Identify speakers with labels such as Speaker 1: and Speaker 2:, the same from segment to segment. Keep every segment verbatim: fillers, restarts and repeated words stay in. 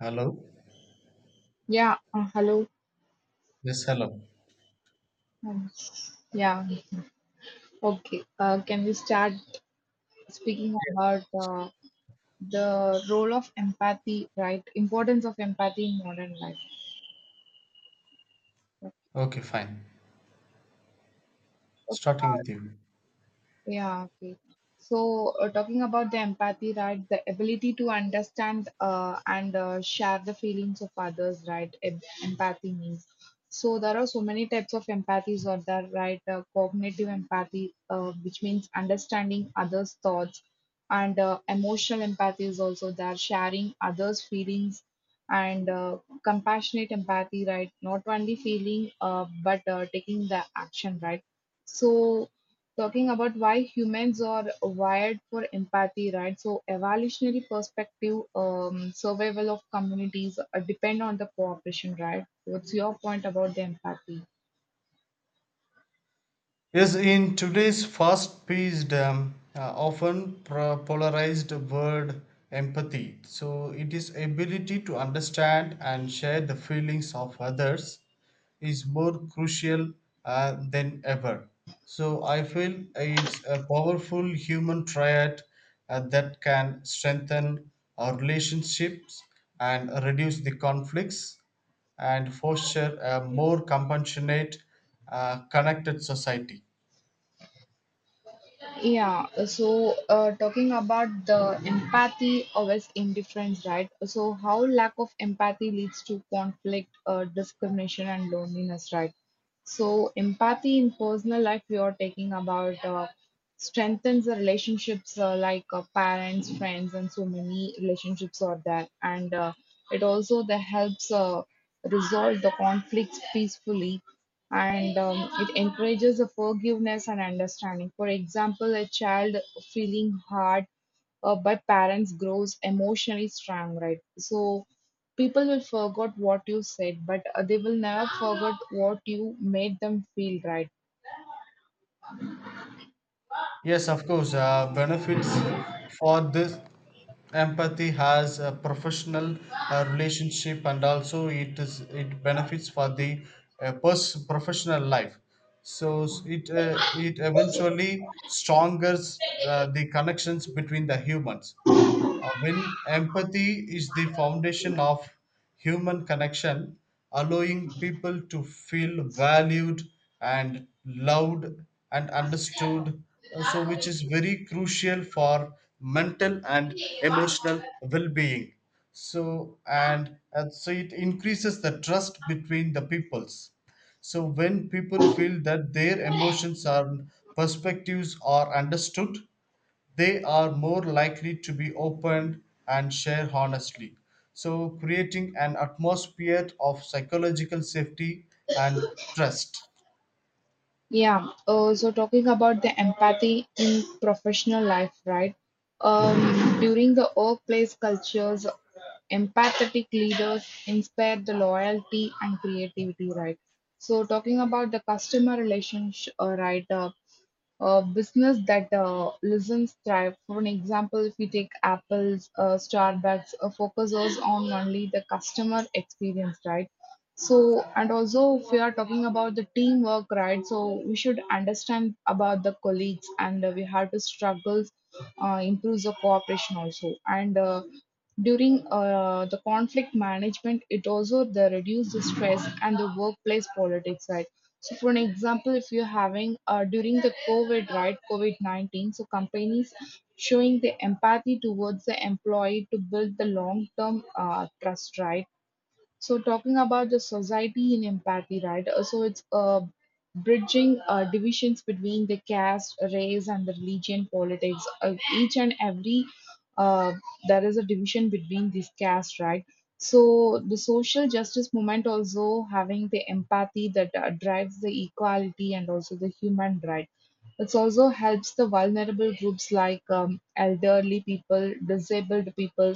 Speaker 1: Hello?
Speaker 2: Yeah, uh, hello.
Speaker 1: Yes, hello.
Speaker 2: Um, yeah, okay. Uh, can we start speaking about uh, the role of empathy, right? Importance of empathy in modern life. Okay,
Speaker 1: Okay, fine.
Speaker 2: uh,
Speaker 1: Starting with you.
Speaker 2: yeah, okay. So, uh, talking about the empathy, right? The ability to understand uh, and uh, share the feelings of others, right? em- Empathy means. So, there are so many types of empathies out there, right? Uh, cognitive empathy, uh, which means understanding others' thoughts, and uh, emotional empathy is also there, sharing others' feelings, and uh, compassionate empathy, right? Not only feeling, uh, but uh, taking the action, right? So talking about why humans are wired for empathy, right? So evolutionary perspective, um, survival of communities uh, depend on the cooperation, right? What's your point about the empathy?
Speaker 1: Yes, in today's fast paced, um, uh, often pro- polarized word empathy. So, it is ability to understand and share the feelings of others is more crucial uh, than ever. So, I feel it's a powerful human triad uh, that can strengthen our relationships and reduce the conflicts and foster a more compassionate, uh, connected society.
Speaker 2: Yeah, so uh, talking about the empathy versus indifference, right? So how lack of empathy leads to conflict, uh, discrimination, and loneliness, right? So empathy in personal life, we are talking about uh, strengthens the relationships uh, like uh, parents, friends, and so many relationships are there, and uh, it also that helps uh, resolve the conflicts peacefully and um, it encourages the forgiveness and understanding. For example, a child feeling hard uh, by parents grows emotionally strong, right? So people will forget what you said, but uh, they will never forget what you made them feel, right?
Speaker 1: Yes, of course, uh, benefits for this empathy has a professional uh, relationship and also it is it benefits for the uh, pers- professional life. So s- it uh, it eventually strongers uh, the connections between the humans. Uh, when empathy is the foundation of human connection, allowing people to feel valued and loved and understood, uh, so which is very crucial for mental and emotional well-being. So and, and so it increases the trust between the peoples. So when people feel that their emotions and perspectives are understood, they are more likely to be open and share honestly. So, creating an atmosphere of psychological safety and trust.
Speaker 2: Yeah. Uh, so talking about the empathy in professional life, right? Um, during the workplace cultures, empathetic leaders inspire the loyalty and creativity, right? So talking about the customer relationship, uh, right? Uh, uh, business that uh, listens thrive. For an example, if we take Apple's, uh, Starbucks, uh, focuses on only the customer experience, right? So, and also if we are talking about the teamwork, right? So we should understand about the colleagues, and uh, we have to struggle, uh, improves the cooperation also, and. Uh, during uh, the conflict management, it also the reduce the stress and the workplace politics, right? So for an example, if you're having uh, during the COVID, right, COVID nineteen, so companies showing the empathy towards the employee to build the long-term uh, trust, right? So talking about the society in empathy, right? uh, So it's uh, bridging uh, divisions between the caste, race, and the religion, politics. Uh, each and every uh, there is a division between these castes, right? So the social justice movement also having the empathy that uh, drives the equality and also the human right. It also helps the vulnerable groups like um, elderly people, disabled people,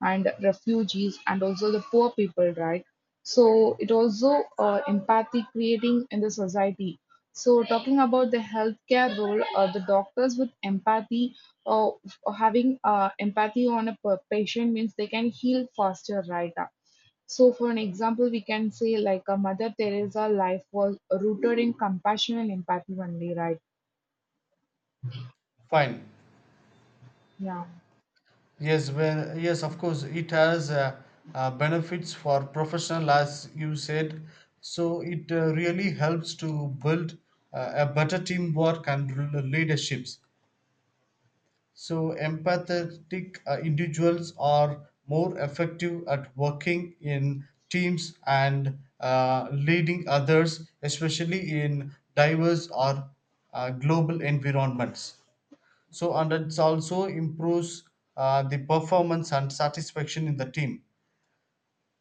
Speaker 2: and refugees and also the poor people, right? So it also uh, empathy creating in the society. So talking about the healthcare role, uh, the doctors with empathy uh, having uh, empathy on a per- patient means they can heal faster, right? So, for an example, we can say like a Mother Teresa life was rooted in compassion and empathy only, right?
Speaker 1: Fine.
Speaker 2: Yeah,
Speaker 1: Yes, well, yes, of course, it has uh, uh, benefits for professional, as you said. So, it uh, really helps to build uh, a better teamwork and l- leaderships. So, empathetic uh, individuals are more effective at working in teams and uh, leading others, especially in diverse or uh, global environments. So, and it also improves uh, the performance and satisfaction in the team.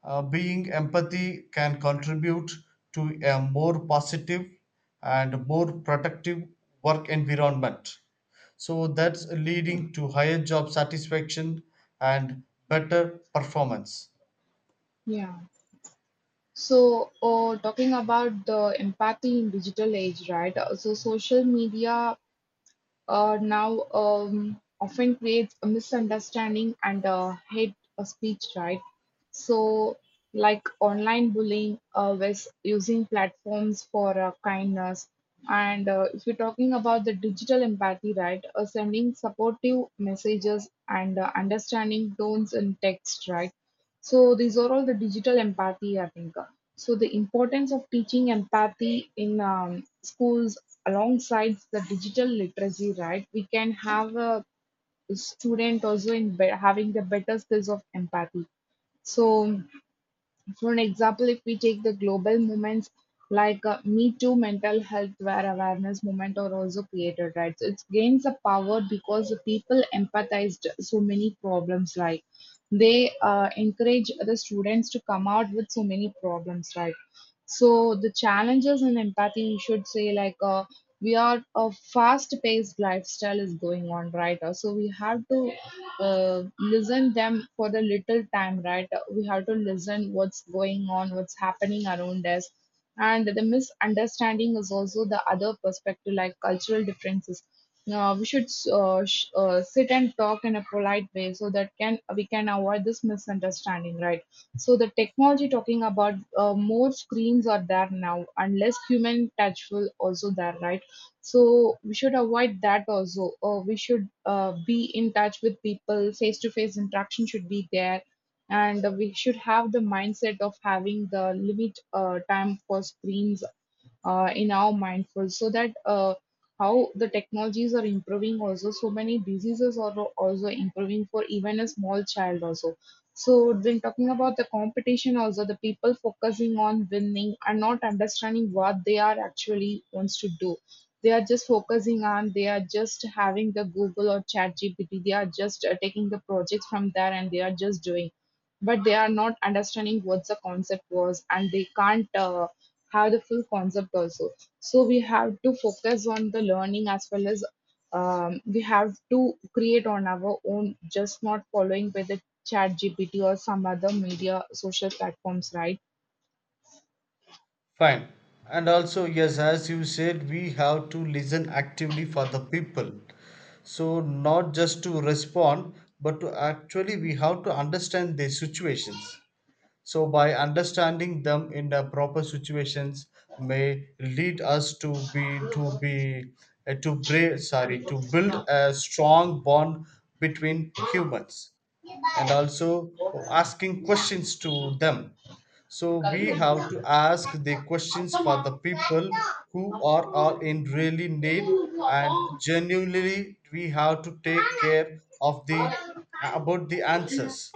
Speaker 1: Uh, being empathy can contribute to a more positive and more productive work environment. So that's leading to higher job satisfaction and better performance.
Speaker 2: yeah. So, uh, talking about the impact in digital age, right? Uh, So, social media uh, now um, often creates a misunderstanding and uh, hate uh, speech, right? So, like online bullying uh, was using platforms for uh, kindness. And uh, if you're talking about the digital empathy, right, uh, sending supportive messages and uh, understanding tones in text, right? So, these are all the digital empathy, I think. So, the importance of teaching empathy in um, schools alongside the digital literacy, right, we can have a student also in be- having the better skills of empathy. So for an example, if we take the global movements like uh, Me Too, mental health, where awareness movement are also created, right? So it gains a power because the people empathized so many problems, like they uh, encourage the students to come out with so many problems, right? So the challenges in empathy, you should say, like uh, we are a fast-paced lifestyle is going on, right? Uh, So we have to uh, listen them for a little time, right? We have to listen what's going on, what's happening around us, and the misunderstanding is also the other perspective, like cultural differences. uh, we should uh, sh- uh, sit and talk in a polite way so that can we can avoid this misunderstanding, right? So the technology, talking about uh, more screens are there now, and less human touch will also there, right? So we should avoid that also. Uh, we should uh, be in touch with people. Face to face interaction should be there, and uh, we should have the mindset of having the limit uh, time for screens uh, in our mindful, so that uh, how the technologies are improving also. So many diseases are al- also improving for even a small child also. So then talking about the competition also, the people focusing on winning are not understanding what they are actually wants to do. They are just focusing on, they are just having the Google or ChatGPT. They are just uh, taking the projects from there and they are just doing. But they are not understanding what the concept was and they can't uh, have the full concept also. So we have to focus on the learning, as well as um, we have to create on our own, just not following by the chat G P T or some other media social platforms, right?
Speaker 1: Fine. And also, yes, as you said, we have to listen actively for the people. So, not just to respond, but to actually, we have to understand their situations. So, by understanding them in the proper situations, may lead us to be to be uh, to break, sorry to build a strong bond between humans, and also asking questions to them. So we have to ask the questions for the people who are all in really need, and genuinely we have to take care of the about the answers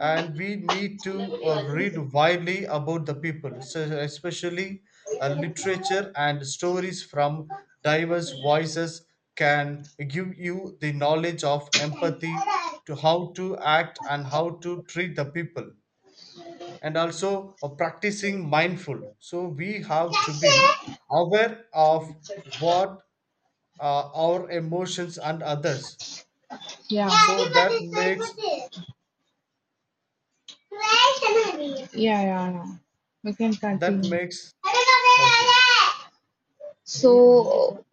Speaker 1: and we need to uh, read widely about the people, so especially uh, literature and stories from diverse voices can give you the knowledge of empathy to how to act and how to treat the people and also uh, practicing mindful so we have to be aware of what uh, our emotions and others
Speaker 2: Yeah.
Speaker 1: so that makes
Speaker 2: Yeah, yeah, yeah. We can
Speaker 1: that
Speaker 2: continue.
Speaker 1: makes okay.
Speaker 2: So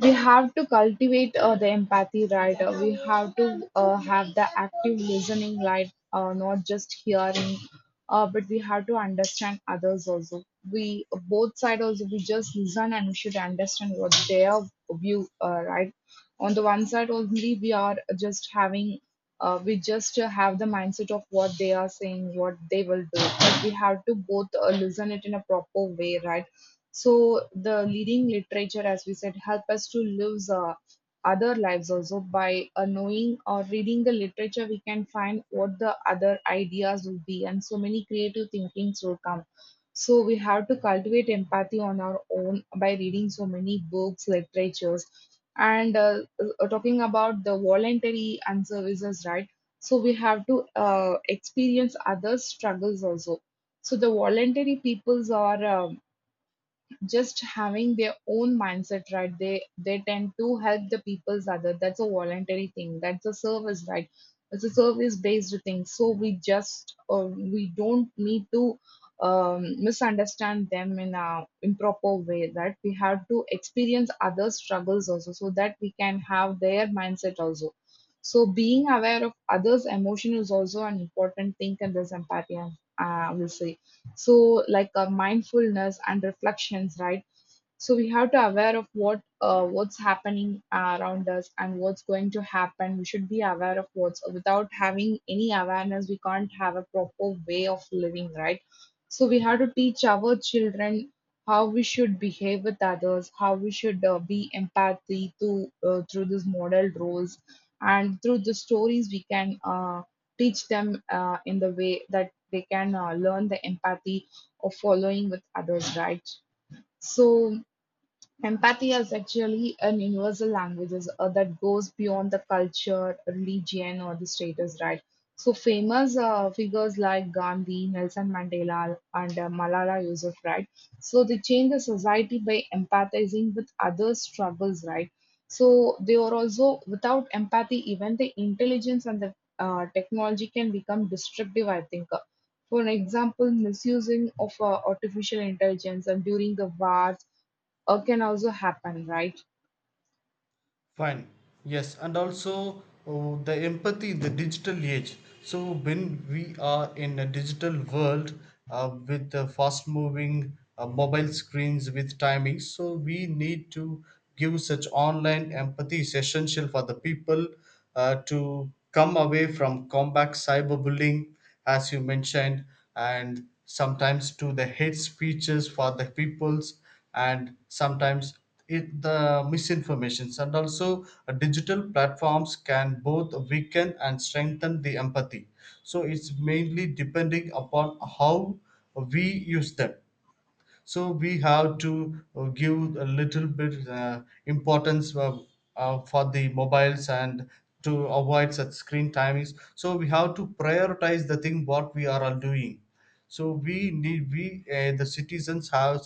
Speaker 2: we have to cultivate uh, the empathy, right? Uh, we have to uh, have the active listening, right? Uh, not just hearing, uh, but we have to understand others also. We both side also. We just listen and we should understand what their view, uh, right? On the one side only, we are just having. Uh, we just uh, have the mindset of what they are saying, what they will do, but we have to both uh, listen it in a proper way, right? So the leading literature, as we said, help us to live uh, other lives also by uh, knowing or reading the literature. We can find what the other ideas will be, and so many creative thinkings will come. So we have to cultivate empathy on our own by reading so many books, literatures, and uh, uh, talking about the voluntary and services, right? So we have to uh, experience others' struggles also. So the voluntary peoples are. Um, just having their own mindset, right? They they tend to help the people's other. That's a voluntary thing, that's a service, right? It's a service based thing, so we just uh, we don't need to um, misunderstand them in a improper way. That we have to experience other struggles also, so that we can have their mindset also. So being aware of others emotion is also an important thing in this empathy. I I will say. So like uh, mindfulness and reflections, right? So we have to aware of what, uh, what's happening around us and what's going to happen. We should be aware of what's, without having any awareness we can't have a proper way of living, right? So we have to teach our children how we should behave with others, how we should uh, be empathy to uh, through these model roles, and through the stories we can uh, teach them uh, in the way that they can uh, learn the empathy of following with others, right? So empathy is actually an universal language is- uh, that goes beyond the culture, religion, or the status, right? So, famous uh, figures like Gandhi, Nelson Mandela, and uh, Malala Yousafzai, so they changed the society by empathizing with others' struggles, right? So, they are also without empathy, even the intelligence and the uh, technology can become destructive, I think. Uh, For an example, misusing of uh, artificial intelligence and during the wars or can also happen, right?
Speaker 1: Fine. Yes, and also oh, the empathy in the digital age. So when we are in a digital world uh, with the fast moving uh, mobile screens with timing, so we need to give such online empathy is essential for the people uh, to come away from combat cyberbullying, as you mentioned, and sometimes to the hate speeches for the peoples and sometimes it, the misinformations and also uh, digital platforms can both weaken and strengthen the empathy, so it's mainly depending upon how we use them. So we have to uh, give a little bit uh, importance uh, uh, for the mobiles and to avoid such screen timings, so we have to prioritize the thing what we are all doing. So we need we uh, the citizens have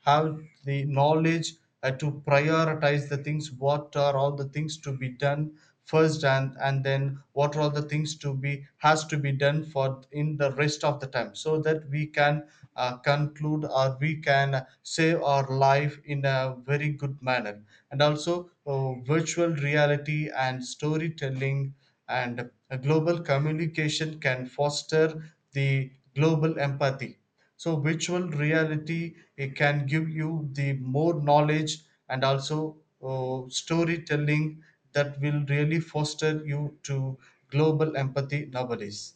Speaker 1: have the knowledge uh, to prioritize the things, what are all the things to be done first, and and then what are all the things to be has to be done for in the rest of the time, so that we can uh, conclude or we can save our life in a very good manner. And also uh, virtual reality and storytelling and uh, global communication can foster the global empathy. So virtual reality, it can give you the more knowledge, and also uh, storytelling, that will really foster you to global empathy nowadays.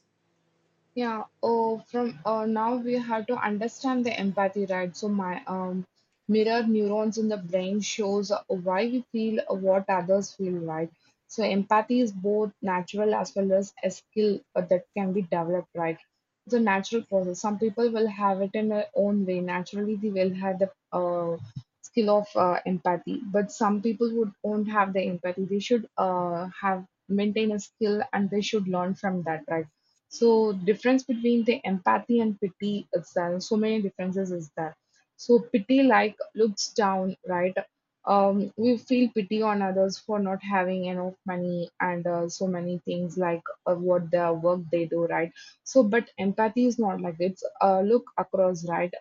Speaker 2: Yeah. Oh, from uh, now we have to understand the empathy, right? So my um mirror neurons in the brain shows why we feel what others feel, right? So empathy is both natural as well as a skill uh, that can be developed, right? It's a natural process. Some people will have it in their own way. Naturally, they will have the uh, skill of uh, empathy, but some people would won't have the empathy. They should uh, have maintain a skill and they should learn from that, right? So difference between the empathy and pity itself, so many differences is there. So pity like looks down, right? Um, we feel pity on others for not having enough money and uh, so many things like uh, what the work they do, right? So, but empathy is not like it's uh, look across, right?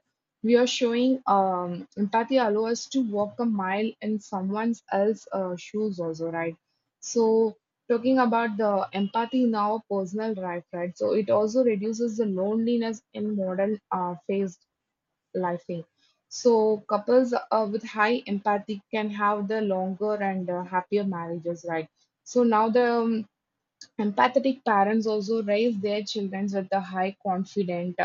Speaker 2: We are showing um, empathy allow us to walk a mile in someone else's uh, shoes also, right? So talking about the empathy now personal life, right? So it also reduces the loneliness in modern uh, phased lifing. So couples uh, with high empathy can have the longer and uh, happier marriages, right? So now the um, empathetic parents also raise their children with a high confident,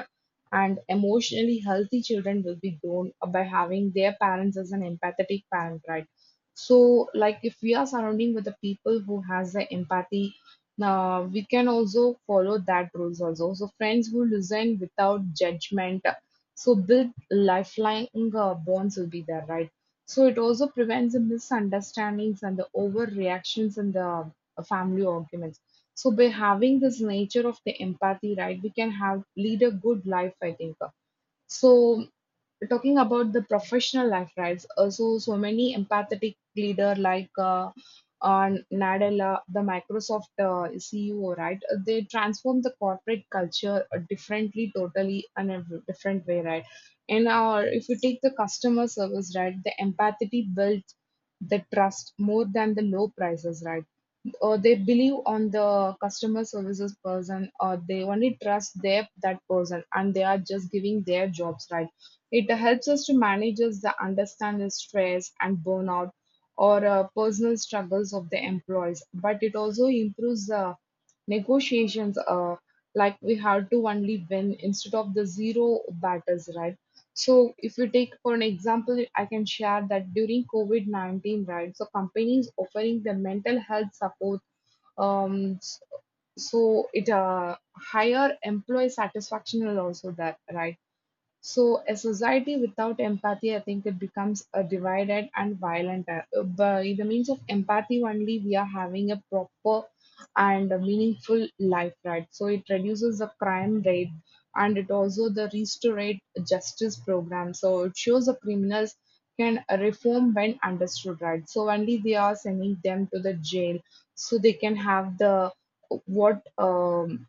Speaker 2: and emotionally healthy children will be grown by having their parents as an empathetic parent, right? So, like, if we are surrounding with the people who has the empathy, uh, we can also follow that rules also. So friends who listen without judgment, so build lifelong uh, bonds will be there, right? So it also prevents the misunderstandings and the overreactions and the uh, family arguments. So by having this nature of the empathy, right, we can have lead a good life, I think. So talking about the professional life, right? uh, So so many empathetic leader like uh, uh, Nadella, the Microsoft uh, C E O, right? uh, They transform the corporate culture uh, differently, totally, and a different way, right? And uh, if you take the customer service, right, the empathy builds the trust more than the low prices, right? Or they believe on the customer services person, or they only trust their that person and they are just giving their jobs, right? It helps us to manage us the understand the stress and burnout, or uh, personal struggles of the employees, but it also improves the negotiations uh, like we have to only win instead of the zero battles, right? So if you take for an example, I can share that during COVID nineteen, right? So companies offering the mental health support, um, so it uh, higher employee satisfaction will also that, right? So a society without empathy, I think it becomes a divided and violent. uh, By the means of empathy only, we are having a proper and a meaningful life, right? So it reduces the crime rate, and it also the restaurate justice program. So it shows the criminals can reform when understood, right? So only they are sending them to the jail so they can have the what um,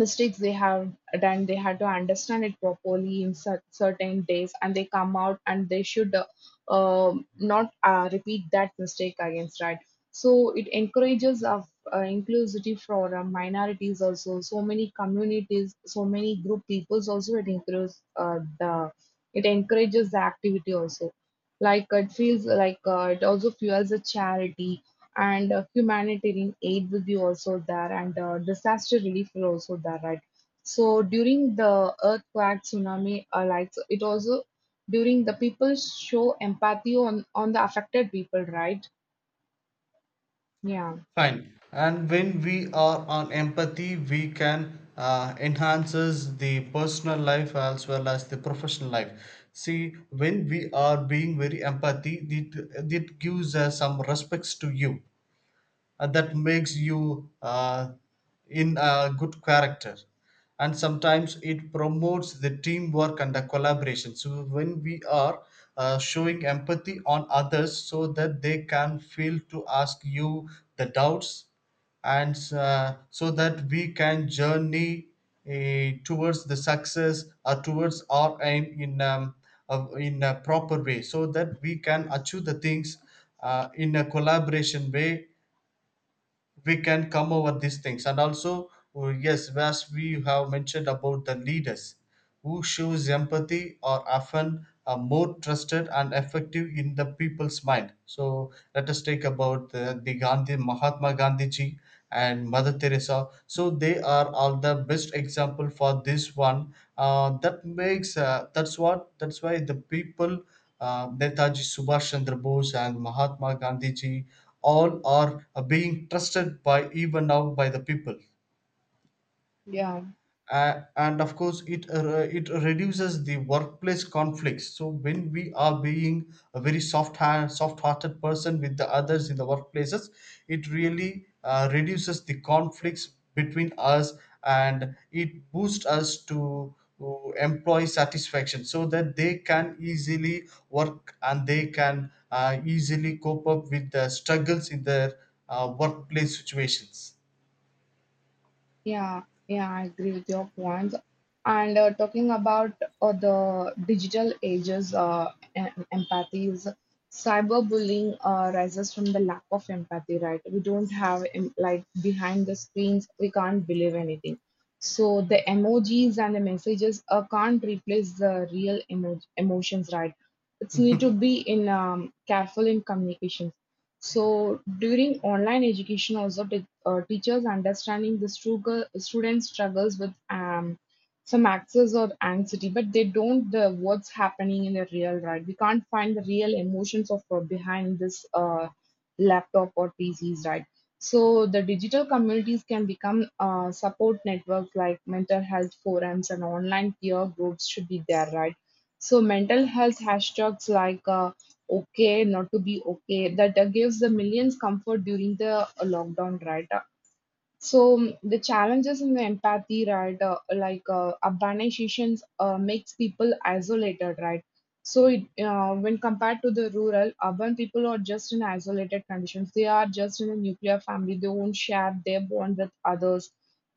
Speaker 2: mistakes they have done, they had to understand it properly in cer- certain days, and they come out and they should uh, um not uh, repeat that mistake against, right? So it encourages of uh, inclusivity for uh, minorities also, so many communities, so many group peoples also it includes uh, the it encourages the activity also, like it feels like uh, it also fuels the charity, and uh, humanitarian aid will be also there, and uh, disaster relief will also there, right? So during the earthquake, tsunami uh, like so it also during the people show empathy on on the affected people, right? Yeah.
Speaker 1: Fine. And when we are on empathy, we can uh, enhances the personal life as well as the professional life. See, when we are being very empathy, it, it gives us some respects to you uh, that makes you uh, in a good character, and sometimes it promotes the teamwork and the collaboration. So when we are uh, showing empathy on others, so that they can feel to ask you the doubts, and uh, so that we can journey uh, towards the success or towards our aim in um, of- in a proper way, so that we can achieve the things uh, in a collaboration way, we can come over these things. And also oh, yes, as we have mentioned about the leaders who shows empathy are often uh, more trusted and effective in the people's mind. So let us take about the, the Gandhi, Mahatma Gandhi ji and Mother Teresa. So they are all the best example for this one, uh, that makes uh, that's what that's why the people, uh, Netaji Subhash Chandra Bose and Mahatma Gandhi ji, all are being trusted by even now by the people.
Speaker 2: Yeah.
Speaker 1: Uh, and of course it uh, it reduces the workplace conflicts. So when we are being a very soft soft hearted person with the others in the workplaces, it really uh, reduces the conflicts between us, and it boosts us to uh, employee satisfaction, so that they can easily work and they can uh, easily cope up with the struggles in their uh, workplace situations.
Speaker 2: Yeah, yeah, I agree with your points. And uh, talking about uh, the digital ages, uh, em- empathy is cyberbullying uh, rises from the lack of empathy, right? We don't have em- like behind the screens, we can't believe anything. So the emojis and the messages uh, can't replace the real emo emotions, right? It's need to be in um, careful in communications. So during online education also, uh, teachers understanding the struggle, student struggles with um, some access or anxiety, but they don't the what's happening in the real, right? We can't find the real emotions of uh, behind this uh, laptop or P Cs, right? So the digital communities can become uh, support networks like mental health forums and online peer groups should be there, right? So mental health hashtags like uh, okay, not to be okay, that uh, gives the millions comfort during the uh, lockdown, right? So, mm, the challenges in the empathy, right? Uh, like uh, urbanizations uh, makes people isolated, right? So it, uh, when compared to the rural, urban people are just in isolated conditions. They are just in a nuclear family. They won't share their bond with others.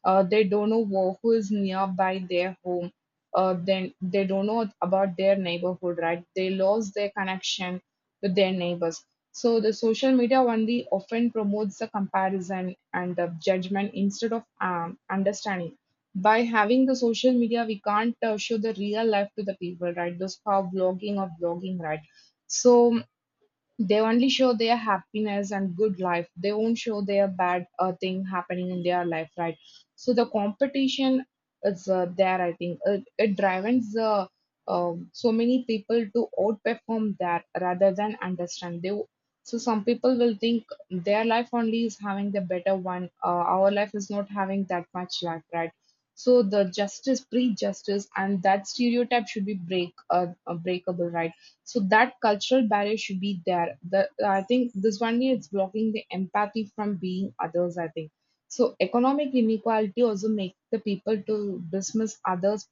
Speaker 2: Uh, they don't know who who is nearby their home. Uh, then they don't know about their neighborhood, right? They lost their connection with their neighbors. So the social media only often promotes the comparison and the judgment instead of um, understanding. By having the social media, we can't uh, show the real life to the people, right? Those how blogging or blogging, right? So they only show their happiness and good life. They won't show their bad uh, thing happening in their life, right? So the competition is uh, there. I think it, it drives the um so many people to outperform that rather than understand. They w- so some people will think their life only is having the better one. Uh, our life is not having that much life, right? So the justice, pre-justice, and that stereotype should be break uh, uh, breakable, right? So that cultural barrier should be there. The, I think this one is blocking the empathy from being others, I think. So economic inequality also make the people to dismiss others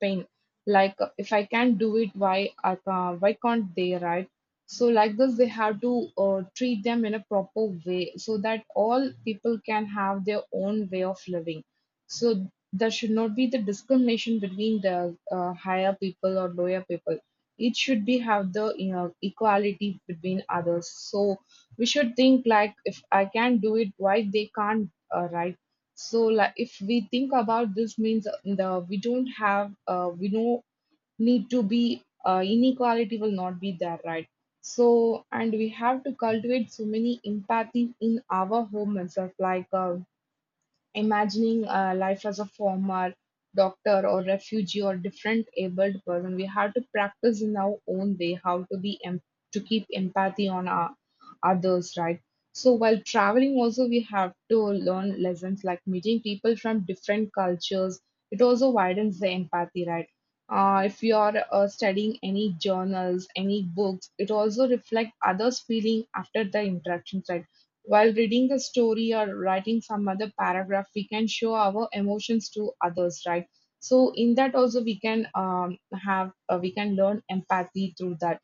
Speaker 2: pain. Like, uh, if I can't do it, why I can't, why can't they, right? So like this, they have to uh, treat them in a proper way so that all people can have their own way of living. So there should not be the discrimination between the uh, higher people or lower people. It should be have the, you know, equality between others. So we should think like, if I can do it, why they can't, uh, right? So like, if we think about this, means uh, the we don't have uh, we don't need to be uh, inequality will not be there, right? So, and we have to cultivate so many empathy in our home itself, like. Uh, imagining uh, life as a former doctor, or refugee, or different abled person. We have to practice in our own way how to be em- to keep empathy on our others, right? So while traveling, also we have to learn lessons like meeting people from different cultures. It also widens the empathy, right? Uh, if you are uh, studying any journals, any books, it also reflects others' feeling after the interactions, right? While reading the story or writing some other paragraph, we can show our emotions to others, right? So in that also we can um, have uh, we can learn empathy through that,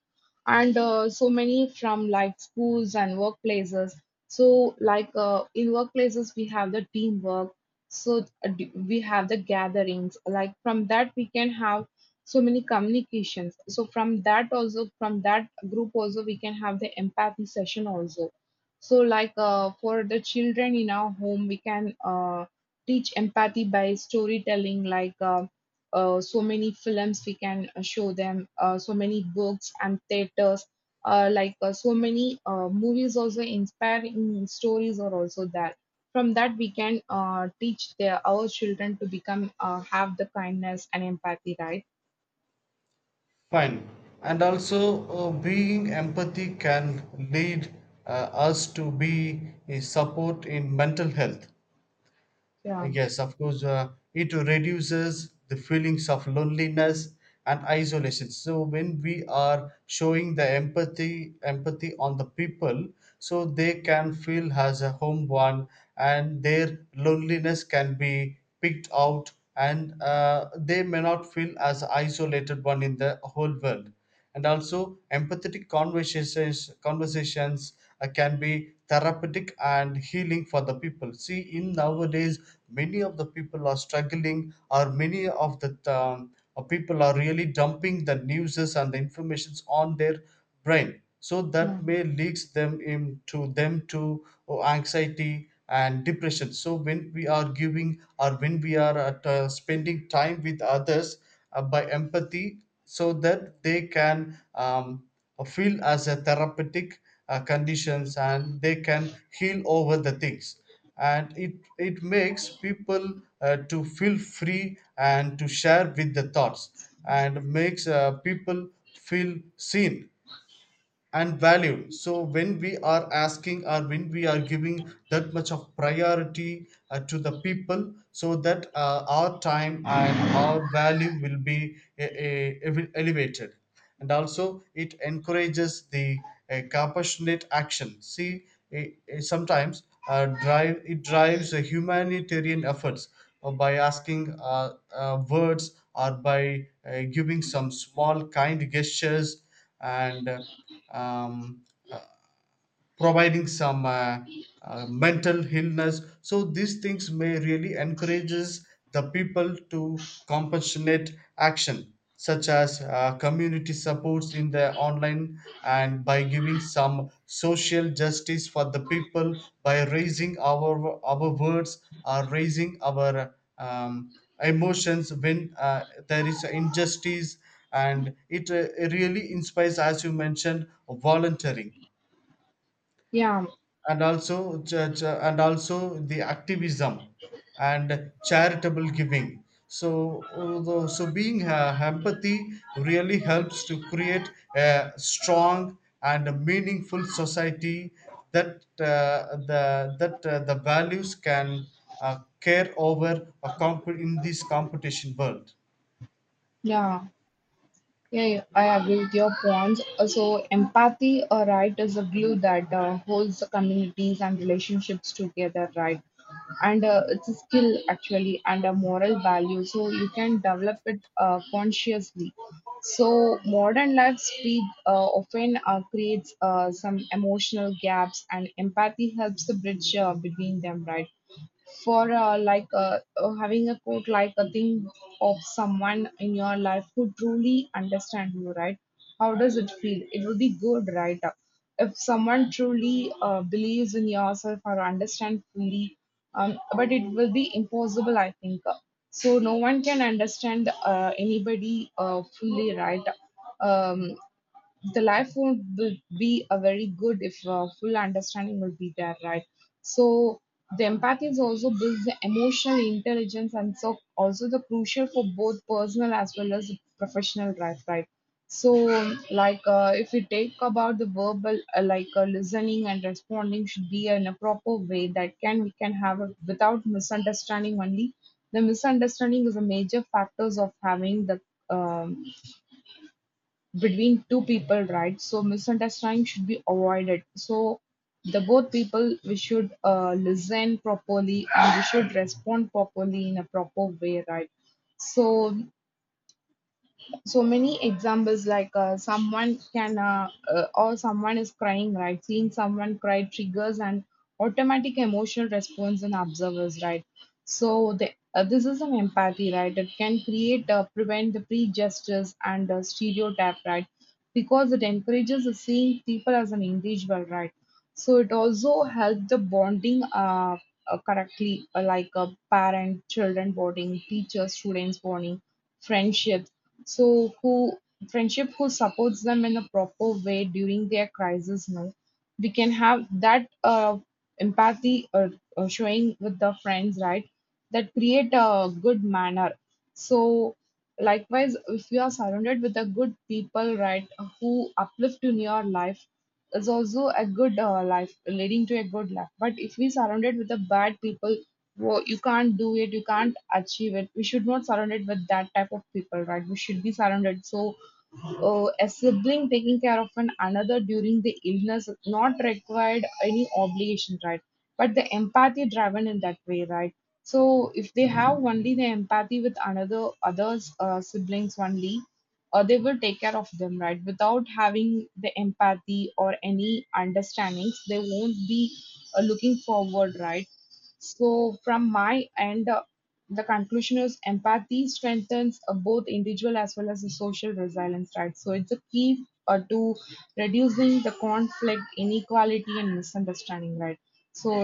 Speaker 2: and uh, so many from like schools and workplaces. So like uh, in workplaces we have the teamwork, so uh, d- we have the gatherings. Like from that we can have so many communications. So from that also, from that group also, we can have the empathy session also. So like uh, for the children in our home, we can uh, teach empathy by storytelling, like uh, uh, so many films we can uh, show them, uh, so many books and theaters, uh, like uh, so many uh, movies also, inspiring stories are also there. From that, we can uh, teach their, our children to become uh, have the kindness and empathy, right?
Speaker 1: Fine. And also, uh, being empathy can lead uh, us to be a support in mental health.
Speaker 2: Yeah,
Speaker 1: Yes, of course, uh, it reduces the feelings of loneliness and isolation. So when we are showing the empathy, empathy on the people, so they can feel as a home one, and their loneliness can be picked out, and uh, they may not feel as isolated one in the whole world. And also, empathetic conversations conversations uh, can be therapeutic and healing for the people. See, in nowadays many of the people are struggling, or many of the um, uh, people are really dumping the newses and the informations on their brain, so that
Speaker 2: yeah,
Speaker 1: may leads them into them to oh, anxiety and depression. So when we are giving or when we are at, uh, spending time with others uh, by empathy, so that they can um, uh, feel as a therapeutic uh, conditions, and they can heal over the things, and it it makes people uh, to feel free and to share with the thoughts, and makes uh, people feel seen and value. So when we are asking or when we are giving that much of priority uh, to the people, so that uh, our time and our value will be uh, uh, elevated, and also it encourages the uh, compassionate action. See, uh, uh, sometimes uh, drive it drives the humanitarian efforts uh, by asking uh, uh, words or by uh, giving some small kind gestures, and uh, um, uh, providing some uh, uh, mental illness. So these things may really encourages the people to compassionate action, such as uh, community supports in the online, and by giving some social justice for the people by raising our our words or raising our um, emotions when uh, there is injustice, and it uh, really inspires, as you mentioned, volunteering,
Speaker 2: yeah,
Speaker 1: and also ch- ch- and also the activism and charitable giving. So although- so being uh, empathy really helps to create a strong and a meaningful society, that uh, the that uh, the values can uh, care over a comp- in this competition world.
Speaker 2: yeah. Yeah, yeah, I agree with your points. Uh, So empathy, uh, right, is a glue that uh, holds the communities and relationships together, right? And uh, it's a skill actually and a moral value. So you can develop it uh, consciously. So modern life speed uh, often uh, creates uh, some emotional gaps, and empathy helps to bridge uh, between them, right? For uh, like uh, uh, having a quote like a thing of someone in your life who truly understand you, right? How does it feel? It would be good, right? If someone truly uh, believes in yourself or understand fully, um, but it will be impossible, I think. So no one can understand uh, anybody uh, fully, right? um, the life won't be be a very good if uh, full understanding will be there, right? So the empathy is also builds the emotional intelligence, and so also the crucial for both personal as well as professional life, right? So like uh, if we take about the verbal uh, like uh, listening and responding should be in a proper way, that can we can have a, without misunderstanding only. The misunderstanding is a major factors of having the um, between two people, right? So misunderstanding should be avoided. So the both people we should uh, listen properly and we should respond properly in a proper way, right? So so many examples like uh, someone can uh, uh, or someone is crying, right? Seeing someone cry triggers an automatic emotional response in observers, right? So the, uh, this is an empathy, right? It can create uh, prevent the prejudices and uh, stereotype, right? Because it encourages the seeing people as an individual, right? So it also helps the bonding uh, uh, correctly, uh, like uh, parent children bonding, teacher students bonding, friendships. So who friendship who supports them in a proper way during their crisis, no, we can have that uh, empathy or, or showing with the friends, right? That create a good manner. So likewise, if you are surrounded with the good people, right, who uplift in your life, is also a good uh, life leading to a good life. But if we surrounded with the bad people, wo you can't do it, you can't achieve it. We should not surround it with that type of people, right? We should be surrounded. So uh, a sibling taking care of an another during the illness not required any obligation, right? But the empathy driven in that way, right? So if they have only the empathy with another others uh, siblings only, uh, they will take care of them, right? Without having the empathy or any understandings, they won't be uh, looking forward, right? So from my end, uh, the conclusion is empathy strengthens uh, both individual as well as the social resilience, right? So it's a key uh, to reducing the conflict, inequality, and misunderstanding, right? So